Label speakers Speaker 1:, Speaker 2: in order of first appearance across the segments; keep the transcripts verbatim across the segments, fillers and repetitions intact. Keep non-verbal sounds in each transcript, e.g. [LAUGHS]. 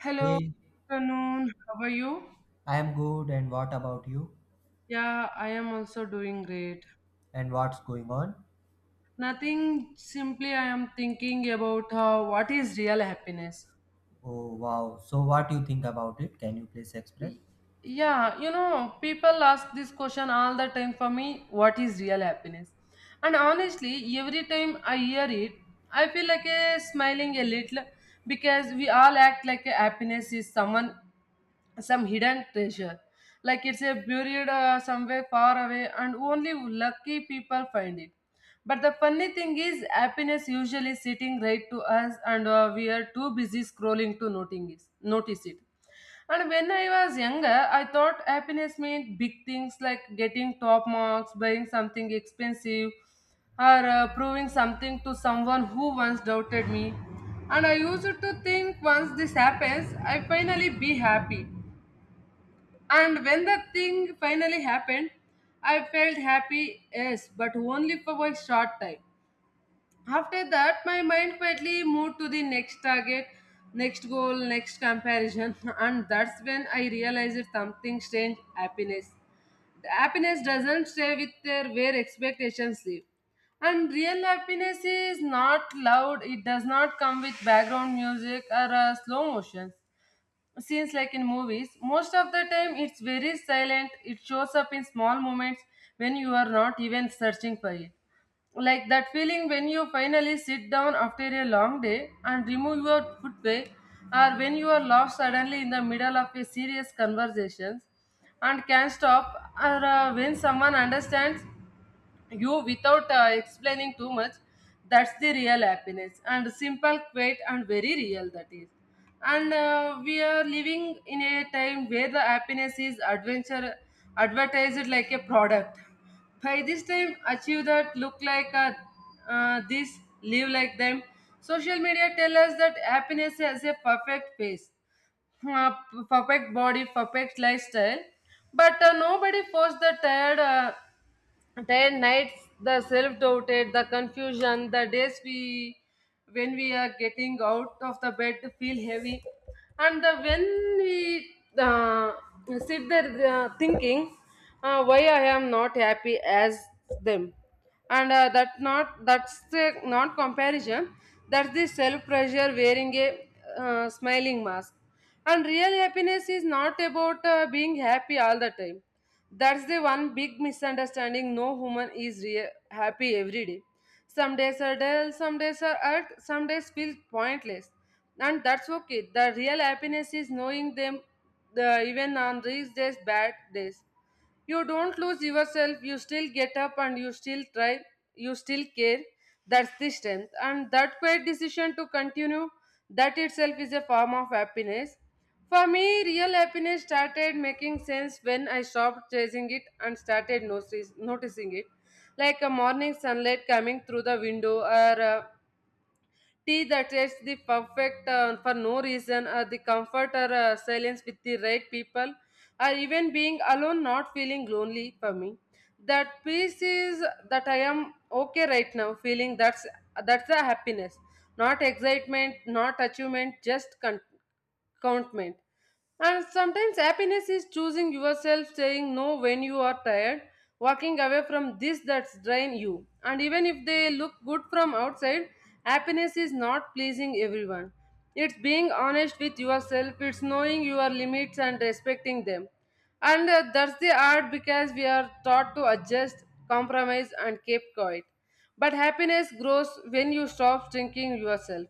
Speaker 1: Hello,
Speaker 2: Hey,
Speaker 1: afternoon. How are you?
Speaker 2: I am good, and what about you?
Speaker 1: Yeah, I am also doing great.
Speaker 2: And what's going on?
Speaker 1: Nothing, simply I am thinking about uh, what is real happiness.
Speaker 2: Oh wow! So, what do you think about it? Can you please express?
Speaker 1: Y- Yeah, you know, people ask this question all the time for me, what is real happiness? And honestly, every time I hear it, I feel like a smiling a little because we all act like a happiness is someone some hidden treasure like it's a buried uh, somewhere far away and only lucky people find it, but the funny thing is happiness usually sitting right to us, and uh, we are too busy scrolling to noting notice it. And when I was younger I thought happiness meant big things like getting top marks, buying something expensive, or uh, proving something to someone who once doubted me. And I used to think once this happens I finally be happy. And when the thing finally happened, I felt happy, yes, but only for a short time. After that, my mind quietly moved to the next target, next goal, next comparison, [LAUGHS] and that's when I realized something strange happiness. The happiness doesn't stay with their where expectations live. And real happiness is not loud, it does not come with background music or uh, slow motions scenes like in movies. Most of the time it's very silent, it shows up in small moments when you are not even searching for it, like that feeling when you finally sit down after a long day and remove your footwear, or when you are lost suddenly in the middle of a serious conversation and can stop, or uh, when someone understands you without uh, explaining too much. That's the real happiness, and simple, quiet, and very real, that is. And uh, we are living in a time where the happiness is adventure advertised like a product. By this time achieve that, look like a, uh, this live like them. Social media tell us that happiness has a perfect face, uh, perfect body, perfect lifestyle. But uh, nobody forced the tired, uh, ten nights, the self-doubted, the confusion, the days we when we are getting out of the bed to feel heavy, and the when we uh, sit there uh, thinking, uh, why I am not happy as them, and uh, that not that's the not comparison. That's the self pressure wearing a uh, smiling mask. And real happiness is not about uh, being happy all the time. That's the one big misunderstanding. No human is rea- happy every day. Some days are dull, some days are hurt, some days feel pointless. And that's okay. The real happiness is knowing them the, even on these days, bad days. You don't lose yourself, you still get up and you still try, you still care. That's the strength. And that quiet decision to continue, that itself is a form of happiness. For me, real happiness started making sense when I stopped chasing it and started notice- noticing it. Like a morning sunlight coming through the window, or uh, tea that tastes the perfect uh, for no reason, or the comfort or uh, silence with the right people, or even being alone, not feeling lonely for me. That peace is that I am okay right now, feeling that's that's the happiness, not excitement, not achievement, just con- contentment. And sometimes happiness is choosing yourself, saying no when you are tired, walking away from this that's drain you. And even if they look good from outside, happiness is not pleasing everyone. It's being honest with yourself, it's knowing your limits and respecting them. And uh, that's the art because we are taught to adjust, compromise, and keep quiet. But happiness grows when you stop shrinking yourself,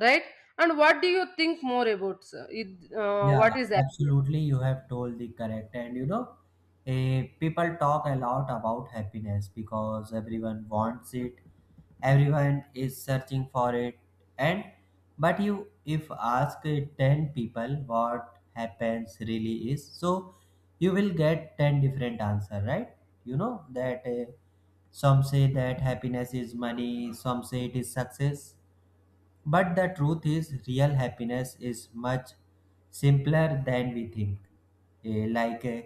Speaker 1: right? And what do you think more about, sir? It, uh,
Speaker 2: Yeah,
Speaker 1: what is happiness.
Speaker 2: absolutely. You have told the correct. And you know, eh, people talk a lot about happiness because everyone wants it, everyone is searching for it. And but you, if ask eh, ten people what happens really is, so you will get ten different answer, right? You know that eh, some say that happiness is money, some say it is success, but the truth is, real happiness is much simpler than we think. Eh, Like, eh,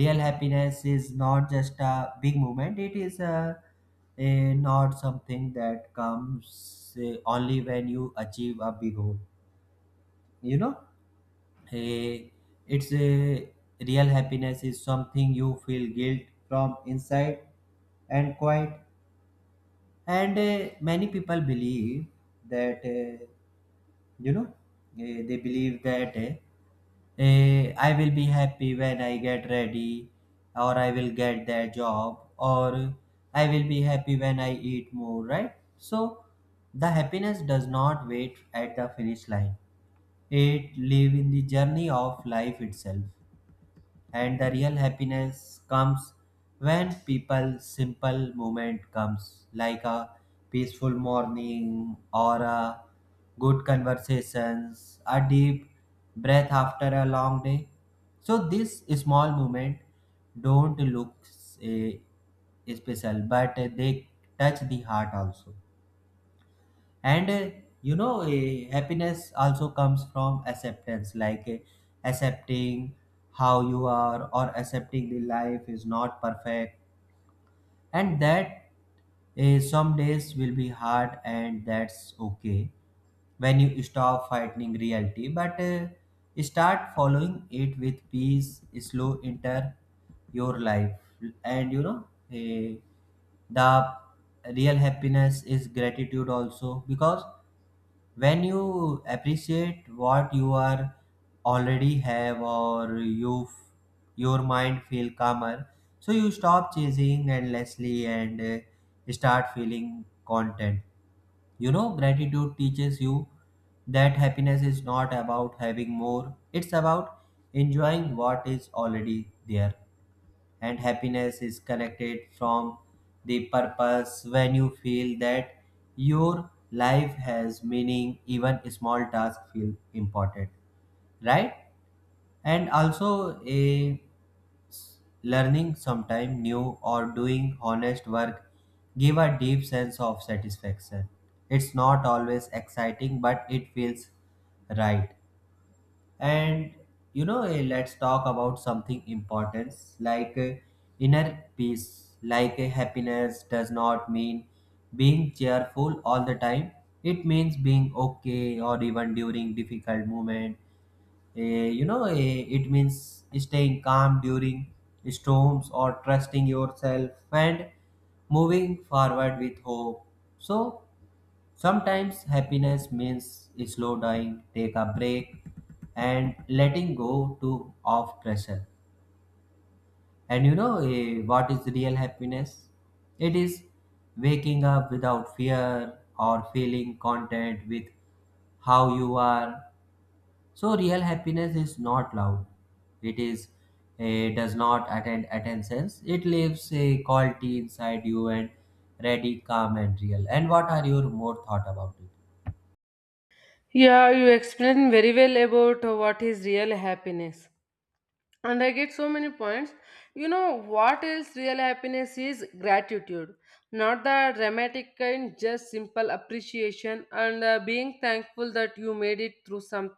Speaker 2: Real happiness is not just a big moment, it is a, eh, not something that comes eh, only when you achieve a big goal. You know, Eh, it's a real happiness is something you feel guilt from inside and quiet. And eh, many people believe that. eh, you know eh, they believe that eh, eh, I will be happy when I get ready, or I will get that job, or I will be happy when I eat more, right? So the happiness does not wait at the finish line, it live in the journey of life itself. And the real happiness comes when people simple moment comes, like a peaceful morning, or a good conversations, a deep breath after a long day. So this small moment don't look eh, special, but they touch the heart also. And uh, you know, uh, happiness also comes from acceptance, like uh, accepting how you are, or accepting the life is not perfect, and that uh, some days will be hard, and that's okay. When you stop fighting reality, but uh, start following it with peace, slow enter your life. And you know, eh, the real happiness is gratitude also, because when you appreciate what you are already have, or you f- your mind feel calmer, so you stop chasing endlessly and uh, start feeling content. You know, gratitude teaches you that happiness is not about having more, it's about enjoying what is already there. And happiness is connected from the purpose. When you feel that your life has meaning, even small tasks feel important, right? And also a learning sometime new, or doing honest work, give a deep sense of satisfaction. It's not always exciting, but it feels right. And you know, eh, let's talk about something important, like eh, inner peace. Like eh, happiness does not mean being cheerful all the time, it means being okay or even during difficult moment. Eh, you know, eh, it means staying calm during storms, or trusting yourself and moving forward with hope. So sometimes happiness means slow dying, take a break, and letting go to of pressure. And you know, eh, what is real happiness? It is waking up without fear, or feeling content with how you are. So real happiness is not loud. It is eh, does not attend attentions. It leaves a quality inside you, and ready, calm and real. And what are your more thought about it?
Speaker 1: Yeah, you explained very well about what is real happiness. And I get so many points. You know what else real happiness is? Gratitude, not the dramatic kind, just simple appreciation, and uh, being thankful that you made it through some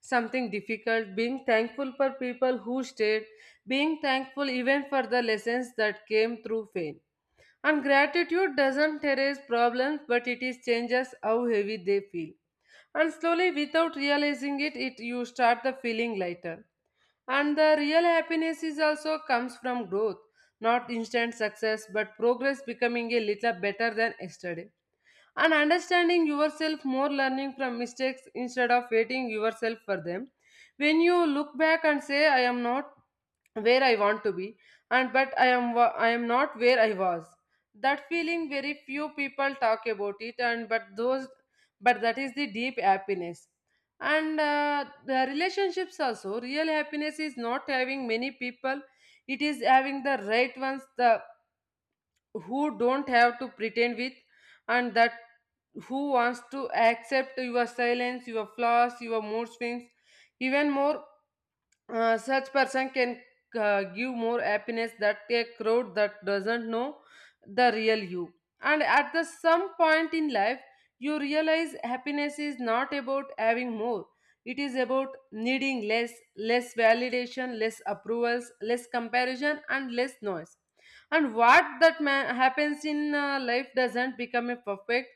Speaker 1: something difficult, being thankful for people who stayed, being thankful even for the lessons that came through pain. And gratitude doesn't erase problems, but it is changes how heavy they feel. And slowly, without realizing it, it you start the feeling lighter. And the real happiness is also comes from growth, not instant success, but progress, becoming a little better than yesterday, and understanding yourself more, learning from mistakes instead of waiting yourself for them. When you look back and say I am not where I want to be, and but I am wa- I am not where I was, that feeling very few people talk about it, and but those but that is the deep happiness. And uh, the relationships also, real happiness is not having many people, it is having the right ones, the who don't have to pretend with, and that who wants to accept your silence, your flaws, your mood swings even more. Uh, such person can uh, give more happiness that a crowd that doesn't know the real you. And at the some point in life you realize happiness is not about having more, it is about needing less, less validation, less approvals, less comparison, and less noise. And what that ma- happens in uh, life doesn't become a perfect,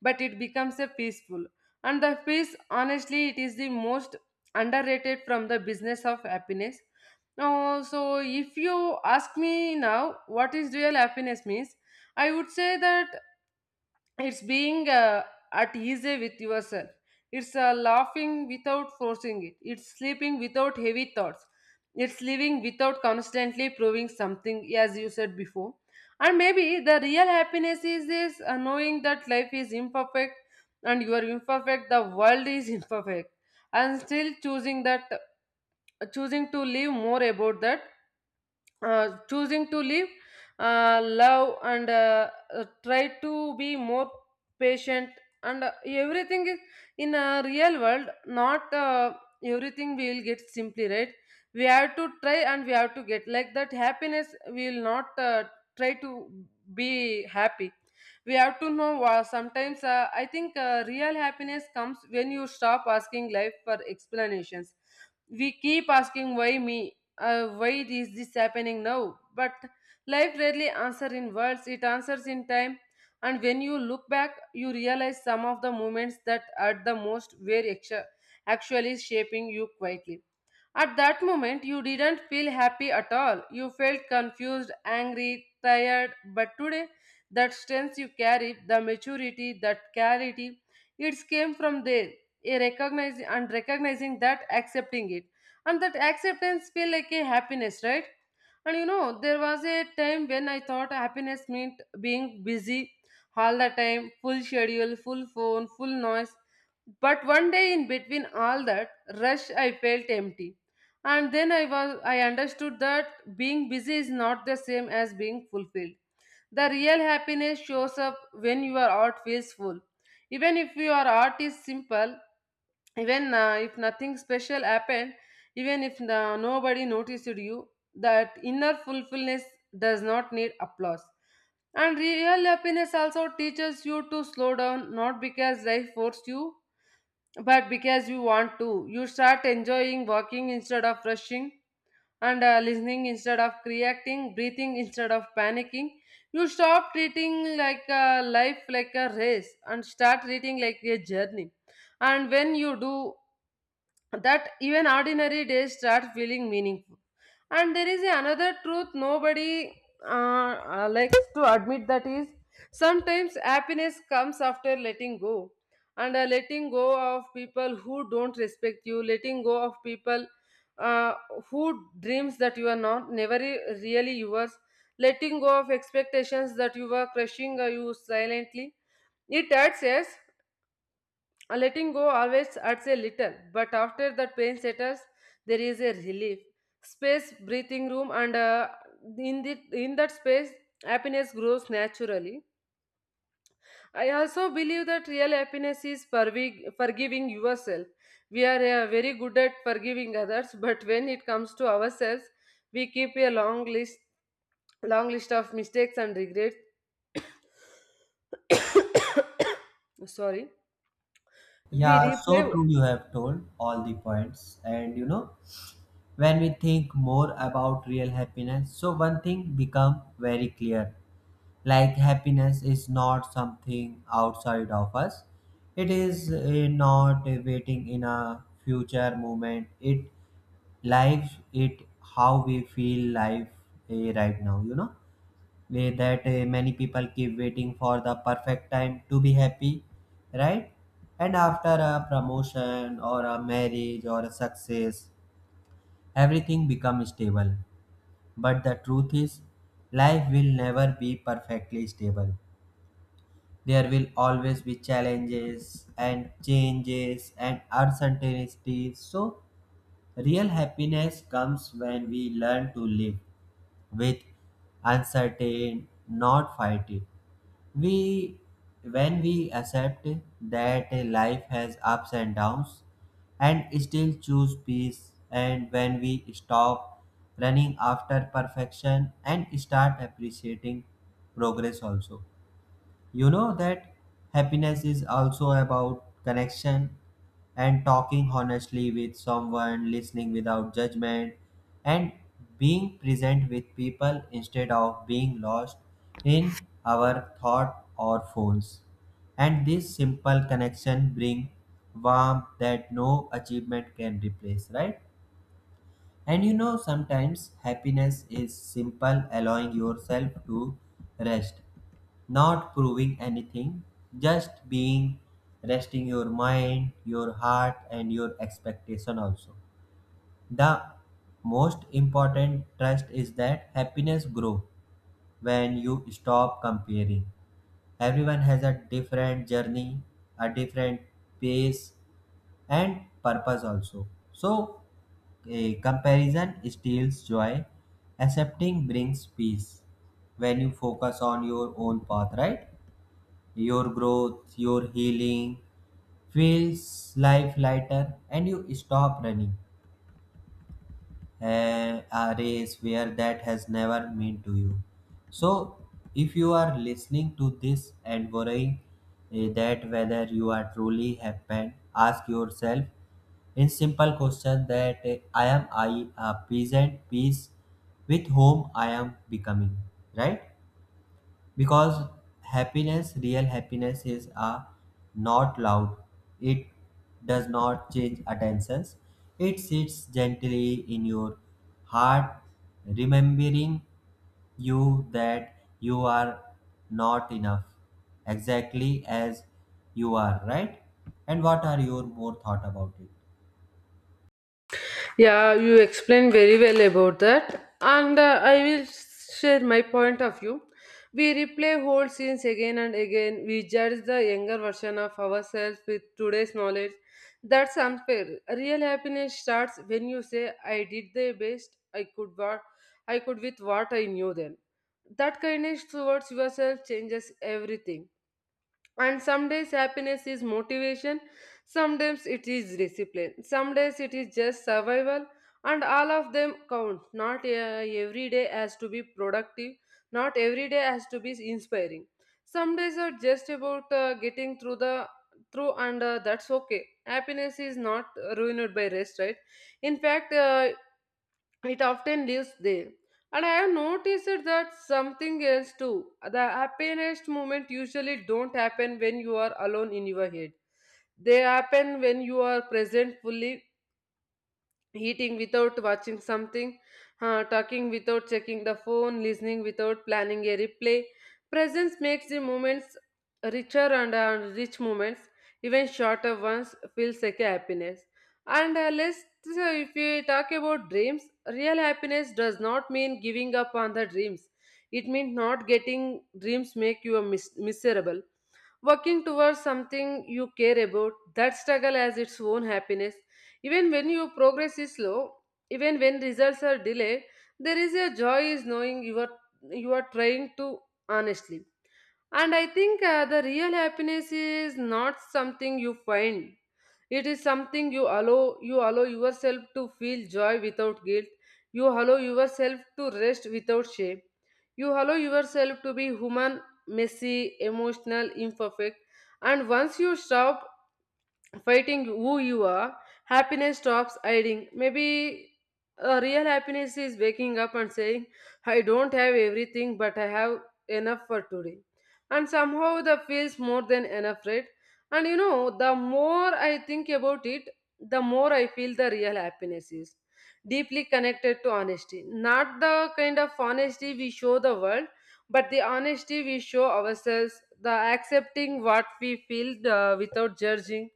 Speaker 1: but it becomes a peaceful. And the peace, honestly, it is the most underrated from the business of happiness. Now, so if you ask me now what is real happiness means, I would say that it's being uh, at ease with yourself, it's uh, laughing without forcing it, it's sleeping without heavy thoughts, it's living without constantly proving something, as you said before. And maybe the real happiness is this, uh, knowing that life is imperfect, and you are imperfect, the world is [LAUGHS] imperfect, and still choosing that uh, choosing to live more about that, uh, choosing to live, uh, love, and uh, uh, try to be more patient. And uh, everything is in a real world, not uh, everything we will get simply right. We have to try and we have to get like that. Happiness we will not uh, try to be happy. We have to know. Uh, sometimes uh, I think uh, real happiness comes when you stop asking life for explanations. We keep asking why me, uh, why is this happening now, but life rarely answers in words, it answers in time. And when you look back you realize some of the moments that at the most were actu- actually shaping you quietly. At that moment, you didn't feel happy at all. You felt confused, angry, tired. But today, that strength you carry, the maturity, that clarity, it came from there. A Recognize and recognizing that, accepting it, and that acceptance feel like a happiness, right? And you know, there was a time when I thought happiness meant being busy all the time, full schedule, full phone, full noise. But one day, in between all that rush, I felt empty. And then i was I understood that being busy is not the same as being fulfilled. The real happiness shows up when your art feels full, even if your art is simple, even uh, if nothing special happened, even if uh, nobody noticed you. That inner fulfillment does not need applause. And real happiness also teaches you to slow down, not because life forced you, but because you want to. You start enjoying walking instead of rushing, and uh, listening instead of reacting, breathing instead of panicking. You stop treating like a life like a race and start treating like a journey. And when you do that, even ordinary days start feeling meaningful. And there is another truth nobody uh, uh, likes to admit, that is sometimes happiness comes after letting go. And uh, letting go of people who don't respect you, letting go of people uh, who dreams that you are not never re- really yours, letting go of expectations that you were crushing uh, you silently. It hurts, yes, a letting go always hurts a little, but after that pain settles, there is a relief. Space, breathing room, and, uh, in, the, in that space, happiness grows naturally. I also believe that real happiness is forgi- forgiving yourself. We are uh, very good at forgiving others, but when it comes to ourselves, we keep a long list, long list of mistakes and regrets. [COUGHS] Sorry, we
Speaker 2: Yeah,
Speaker 1: replay.
Speaker 2: so true you have told all the points. And you know, when we think more about real happiness, so one thing become very clear. Like happiness is not something outside of us. It is eh, not eh, waiting in a future moment. It lives it how we feel life eh, right now. You know way that eh, many people keep waiting for the perfect time to be happy, right? And after a promotion, or a marriage, or a success, everything becomes stable. But the truth is, life will never be perfectly stable. There will always be challenges and changes and uncertainties. So real happiness comes when we learn to live with uncertain, not fight it. We, when we accept that life has ups and downs, and still choose peace, and when we stop running after perfection and start appreciating progress also. You know that happiness is also about connection, and talking honestly with someone, listening without judgment, and being present with people instead of being lost in our thought or phones. And this simple connection bring warmth that no achievement can replace, right? And you know, sometimes happiness is simple allowing yourself to rest, not proving anything, just being, resting your mind, your heart, and your expectation also. The most important trust is that happiness grow when you stop comparing. Everyone has a different journey, a different pace, and purpose also. So, a comparison steals joy, accepting brings peace. When you focus on your own path, right? Your growth, your healing feels life lighter, and you stop running a, a race where that has never meant to you. So, if you are listening to this and worrying eh, that whether you are truly happy, ask yourself in simple question that eh, I am I a peasant peace with whom I am becoming, right? Because happiness, real happiness, is uh, not loud. It does not change attentions. It sits gently in your heart, remembering you that you are not enough, exactly as you are, right? And what are your more thought about it?
Speaker 1: Yeah, you explained very well about that, and uh, I will share my point of view. We replay whole scenes again and again. We judge the younger version of ourselves with today's knowledge. That's unfair. Real happiness starts when you say, "I did the best I could, what I could with what I knew then." That kindness towards yourself changes everything. And some days happiness is motivation, some days it is discipline, some days it is just survival, and all of them count. Not uh, every day has to be productive, not every day has to be inspiring. Some days are just about uh, getting through the through, and uh, that's okay. Happiness is not ruined by rest, right? In fact, uh, it often lives there. And I have noticed that something else too. The happiest moment usually don't happen when you are alone in your head. They happen when you are present fully eating without watching something, uh, talking without checking the phone, listening without planning a replay. Presence makes the moments richer and uh, rich moments, even shorter ones, feels like a happiness. And uh, let's So if we talk about dreams, real happiness does not mean giving up on the dreams. It means not getting dreams make you a mis- miserable working towards something you care about that struggle has its own happiness even when your progress is slow, even when results are delayed, there is a joy is knowing you are you are trying to honestly. And I think uh, the real happiness is not something you find. It is something you allow you allow yourself to feel joy without guilt. You allow yourself to rest without shame. You allow yourself to be human, messy, emotional, imperfect. And once you stop fighting who you are, happiness stops hiding. Maybe a real happiness is waking up and saying, I don't have everything, but I have enough for today. And somehow that feels more than enough, right? And you know, the more I think about it, the more I feel the real happiness is deeply connected to honesty. Not the kind of honesty we show the world, but the honesty we show ourselves, the accepting what we feel uh, without judging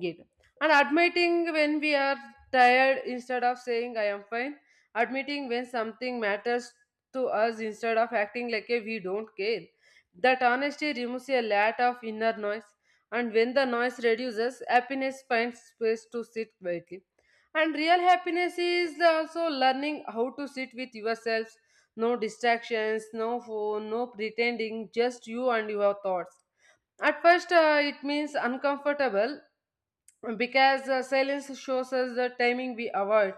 Speaker 1: Get. And admitting when we are tired instead of saying I am fine. Admitting when something matters to us instead of acting like a we don't care. That honesty removes a lot of inner noise. And when the noise reduces, happiness finds space to sit quietly. And real happiness is also learning how to sit with yourselves. No distractions, no phone, no pretending, just you and your thoughts. At first, uh, it means uncomfortable because uh, silence shows us the timing we avoid.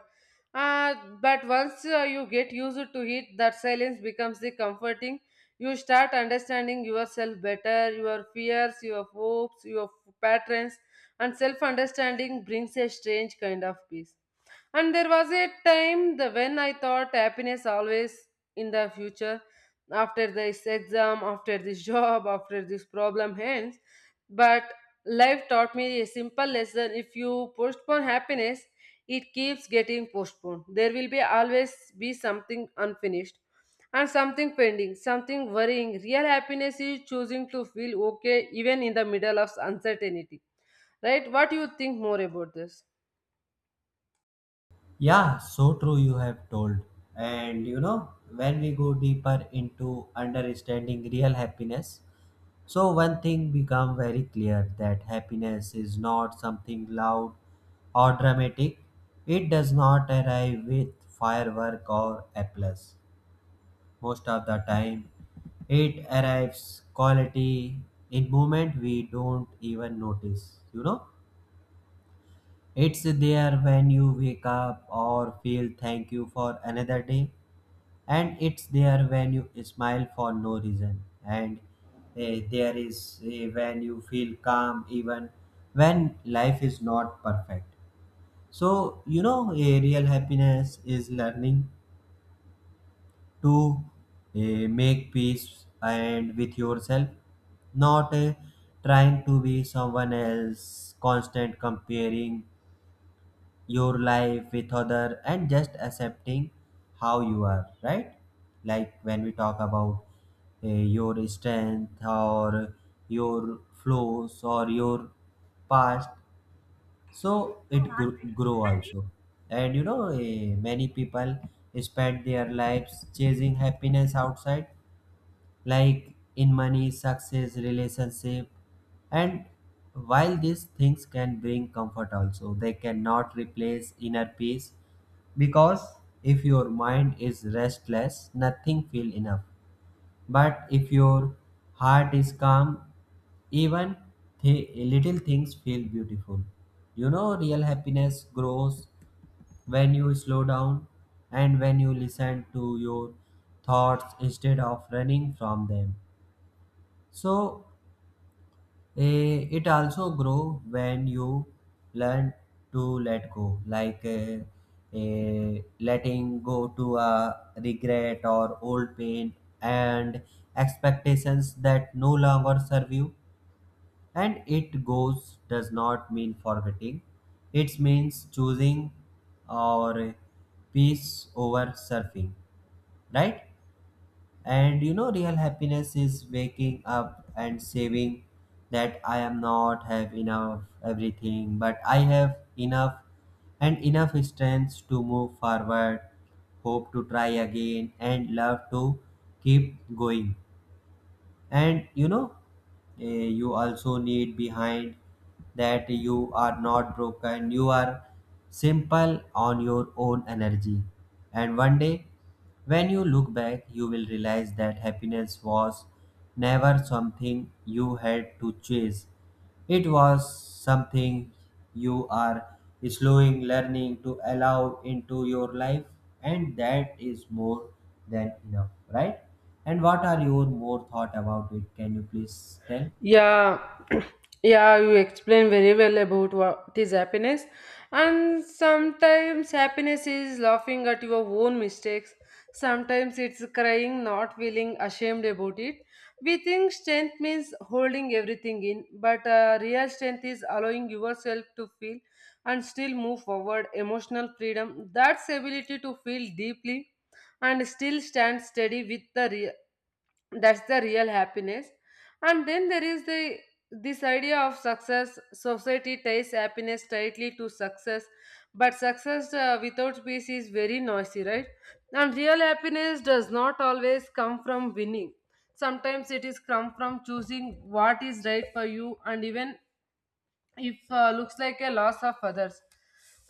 Speaker 1: Uh, but once uh, you get used to it, that silence becomes the comforting. You start understanding yourself better, your fears, your hopes, your patterns, and self understanding brings a strange kind of peace. And there was a time the, when I thought happiness always in the future, after this exam, after this [LAUGHS] job, after this problem ends. But life taught me a simple lesson if you postpone happiness, it keeps getting postponed. There will be always be something unfinished and something pending, something worrying. Real happiness is choosing to feel okay even in the middle of uncertainty. Right? What do you think more about this?
Speaker 2: Yeah, so true you have told. And you know, when we go deeper into understanding real happiness, so one thing become very clear that happiness is not something loud or dramatic. It does not arrive with firework or applause. Most of the time, it arrives quality in moment we don't even notice. You know. It's there when you wake up or feel thank you for another day. And it's there when you smile for no reason. And eh, there is eh, when you feel calm even when life is not perfect. So, you know, eh, real happiness is learning to eh, make peace and with yourself, not eh, trying to be someone else, constant comparing your life with other, and just accepting how you are, right? Like when we talk about uh, your strength, or your flaws, or your past, so it gr- grow also. And you know, eh, many people spend their lives chasing happiness outside, like in money, success, relationship. And while these things can bring comfort also, they cannot replace inner peace, because if your mind is restless, nothing feel enough. But if your heart is calm, even th- little things feel beautiful. You know, real happiness grows when you slow down, and when you listen to your thoughts instead of running from them. So eh, it also grow when you learn to let go, like eh, eh, letting go to a regret or old pain and expectations that no longer serve you. And it goes does not mean forgetting. It means choosing or peace over surfing, right? And you know, real happiness is waking up and saving that I am not have enough everything, but I have enough, and enough strength to move forward, hope to try again, and love to keep going. And you know, eh, you also need behind that you are not broken, you are simple on your own energy. And one day when you look back, you will realize that happiness was never something you had to chase, it was something you are slowing learning to allow into your life, and that is more than enough, right? And what are your more thought about it? Can you please tell?
Speaker 1: Yeah, [CLEARS THROAT] yeah, you explain very well about what is happiness. And sometimes happiness is laughing at your own mistakes. Sometimes it's crying, not feeling ashamed about it. We think strength means holding everything in, but uh, real strength is allowing yourself to feel and still move forward. Emotional freedom, that's ability to feel deeply and still stand steady with the that's the real happiness, and then there is the this idea of success. Society ties happiness tightly to success, but success uh, without peace is very noisy, right? And real happiness does not always come from winning. Sometimes it is come from choosing what is right for you, and even if uh, looks like a loss of others,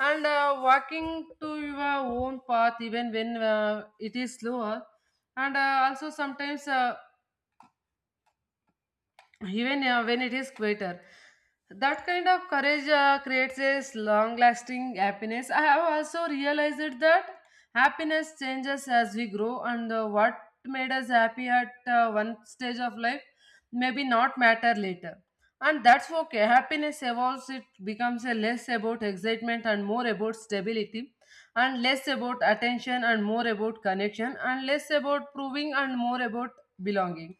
Speaker 1: and uh, walking to your own path, even when uh, it is slower, and uh, also sometimes uh, even uh, when it is quieter. That kind of courage uh, creates a long lasting happiness. I have also realized that happiness changes as we grow, and uh, what made us happy at uh, one stage of life maybe not matter later. And that's okay. Happiness evolves, it becomes a less about excitement and more about stability, and less about attention and more about connection, and less about proving and more about belonging,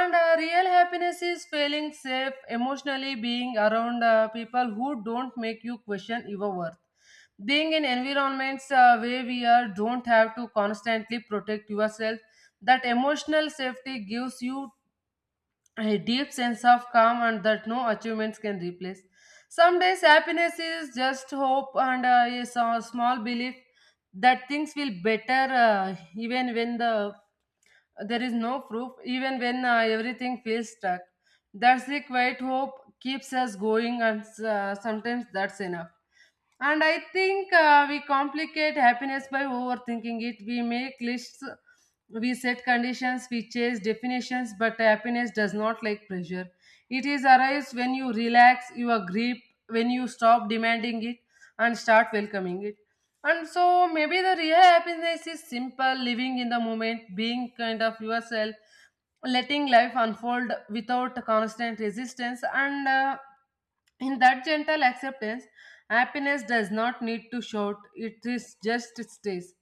Speaker 1: and uh, real happiness is feeling safe emotionally, being around uh, people who don't make you question your worth. Being in environments uh, where we are don't have to constantly protect yourself. That emotional safety gives you a deep sense of calm and that no achievements can replace. Some days happiness is just hope, and uh, is a small belief that things will better uh, even when the there is no proof, even when uh, everything feels stuck. That's the quiet hope keeps us going, and uh, sometimes that's enough. And I think uh, we complicate happiness by overthinking it. We make lists, we set conditions, we chase definitions, but happiness does not like pressure. It is arrives when you relax your grip, when you stop demanding it and start welcoming it. And so maybe the real happiness is simple, living in the moment, being kind of yourself, letting life unfold without constant resistance, and uh, in that gentle acceptance happiness does not need to shout, it is just stays.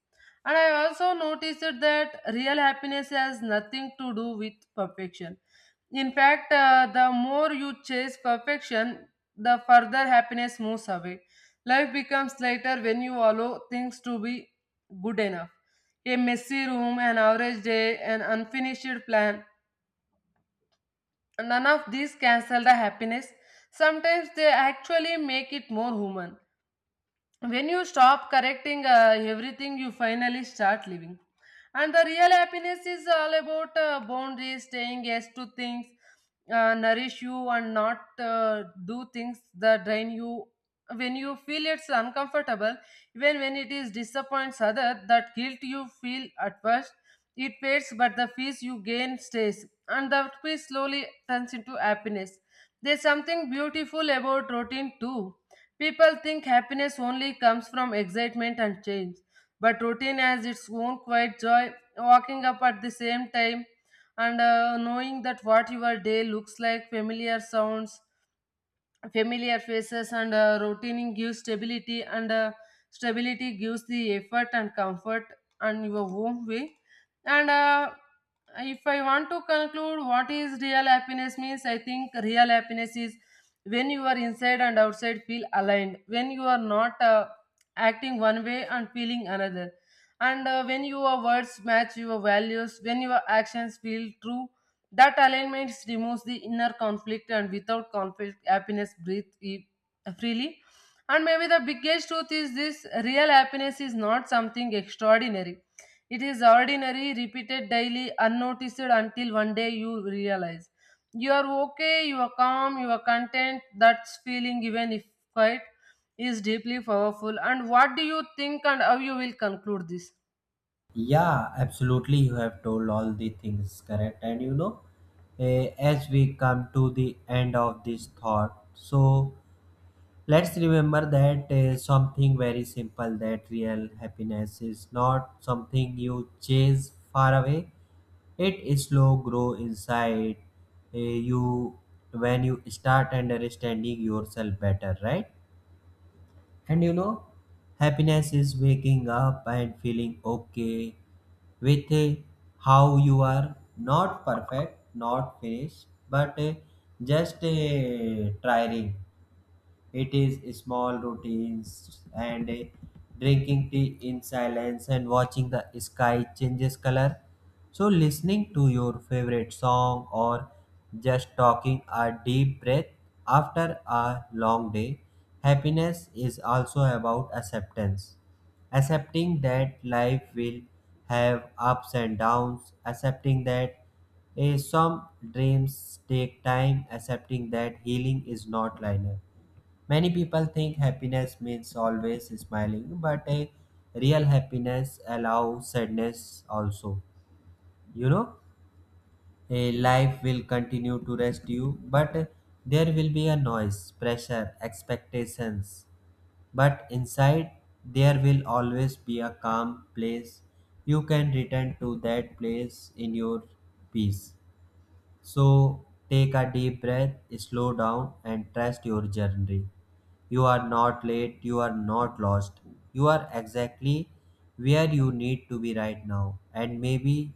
Speaker 1: And I also noticed that real happiness has nothing to do with perfection. In fact, uh, the more you chase perfection the further happiness moves away. Life becomes lighter when you allow things to be good enough. A messy room, an average day, an unfinished plan. None of these cancel the happiness. Sometimes they actually make it more human. When you stop correcting uh, everything, you finally start living. And the real happiness is all about uh, boundaries, saying yes to things uh, nourish you, and not uh, do things that drain you when you feel it's uncomfortable, even when it is disappoints other, that guilt you feel at first it fades, but the peace you gain stays, and that peace slowly turns into happiness. There's something beautiful about routine too. People think happiness only comes from excitement and change, but routine has its own quiet joy. Walking up at the same time and uh, knowing that what your day looks like, familiar sounds, familiar faces, and uh, routine gives stability, and uh, stability gives the effort and comfort and your own way, and uh, if I want to conclude what is real happiness means, I think real happiness is when you are inside and outside feel aligned, when you are not uh, acting one way and feeling another, and uh, when your words match your values, when your actions feel true, that alignment removes the inner conflict, and without conflict, happiness breathes e- freely. And maybe the biggest truth is this real happiness is not something extraordinary. It is ordinary, repeated daily, unnoticed until one day you realize you are okay, you are calm, you are content. That feeling, even if quiet, is deeply powerful. And what do you think, and how you will conclude this?
Speaker 2: Yeah, absolutely. You have told all the things correct, and you know, eh, as we come to the end of this thought, so let's remember that uh, something very simple, that real happiness is not something you chase far away. It is slow grow inside uh, you when you start understanding yourself better, right? And you know, happiness is waking up and feeling okay with uh, how you are, not perfect, not finished, but uh, just uh, trying. It is small routines, and eh, drinking tea in silence, and watching the sky changes color. So listening to your favorite song, or just talking a deep breath after a long day. Happiness is also about acceptance. Accepting that life will have ups and downs, accepting that eh, some dreams take time, accepting that healing is not linear. Many people think happiness means always smiling, but a real happiness allows sadness also. You know, a life will continue to rest you, but there will be a noise, pressure, expectations. But inside, there will always be a calm place. You can return to that place in your peace. So take a deep breath, slow down, and trust your journey. You are not late, you are not lost. You are exactly where you need to be right now. And maybe,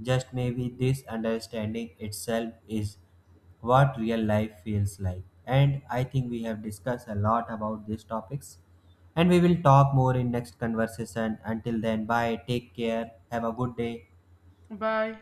Speaker 2: just maybe, this understanding itself is what real life feels like. And I think we have discussed a lot about these topics. And we will talk more in next conversation. Until then, bye, take care, have a good day.
Speaker 1: Bye.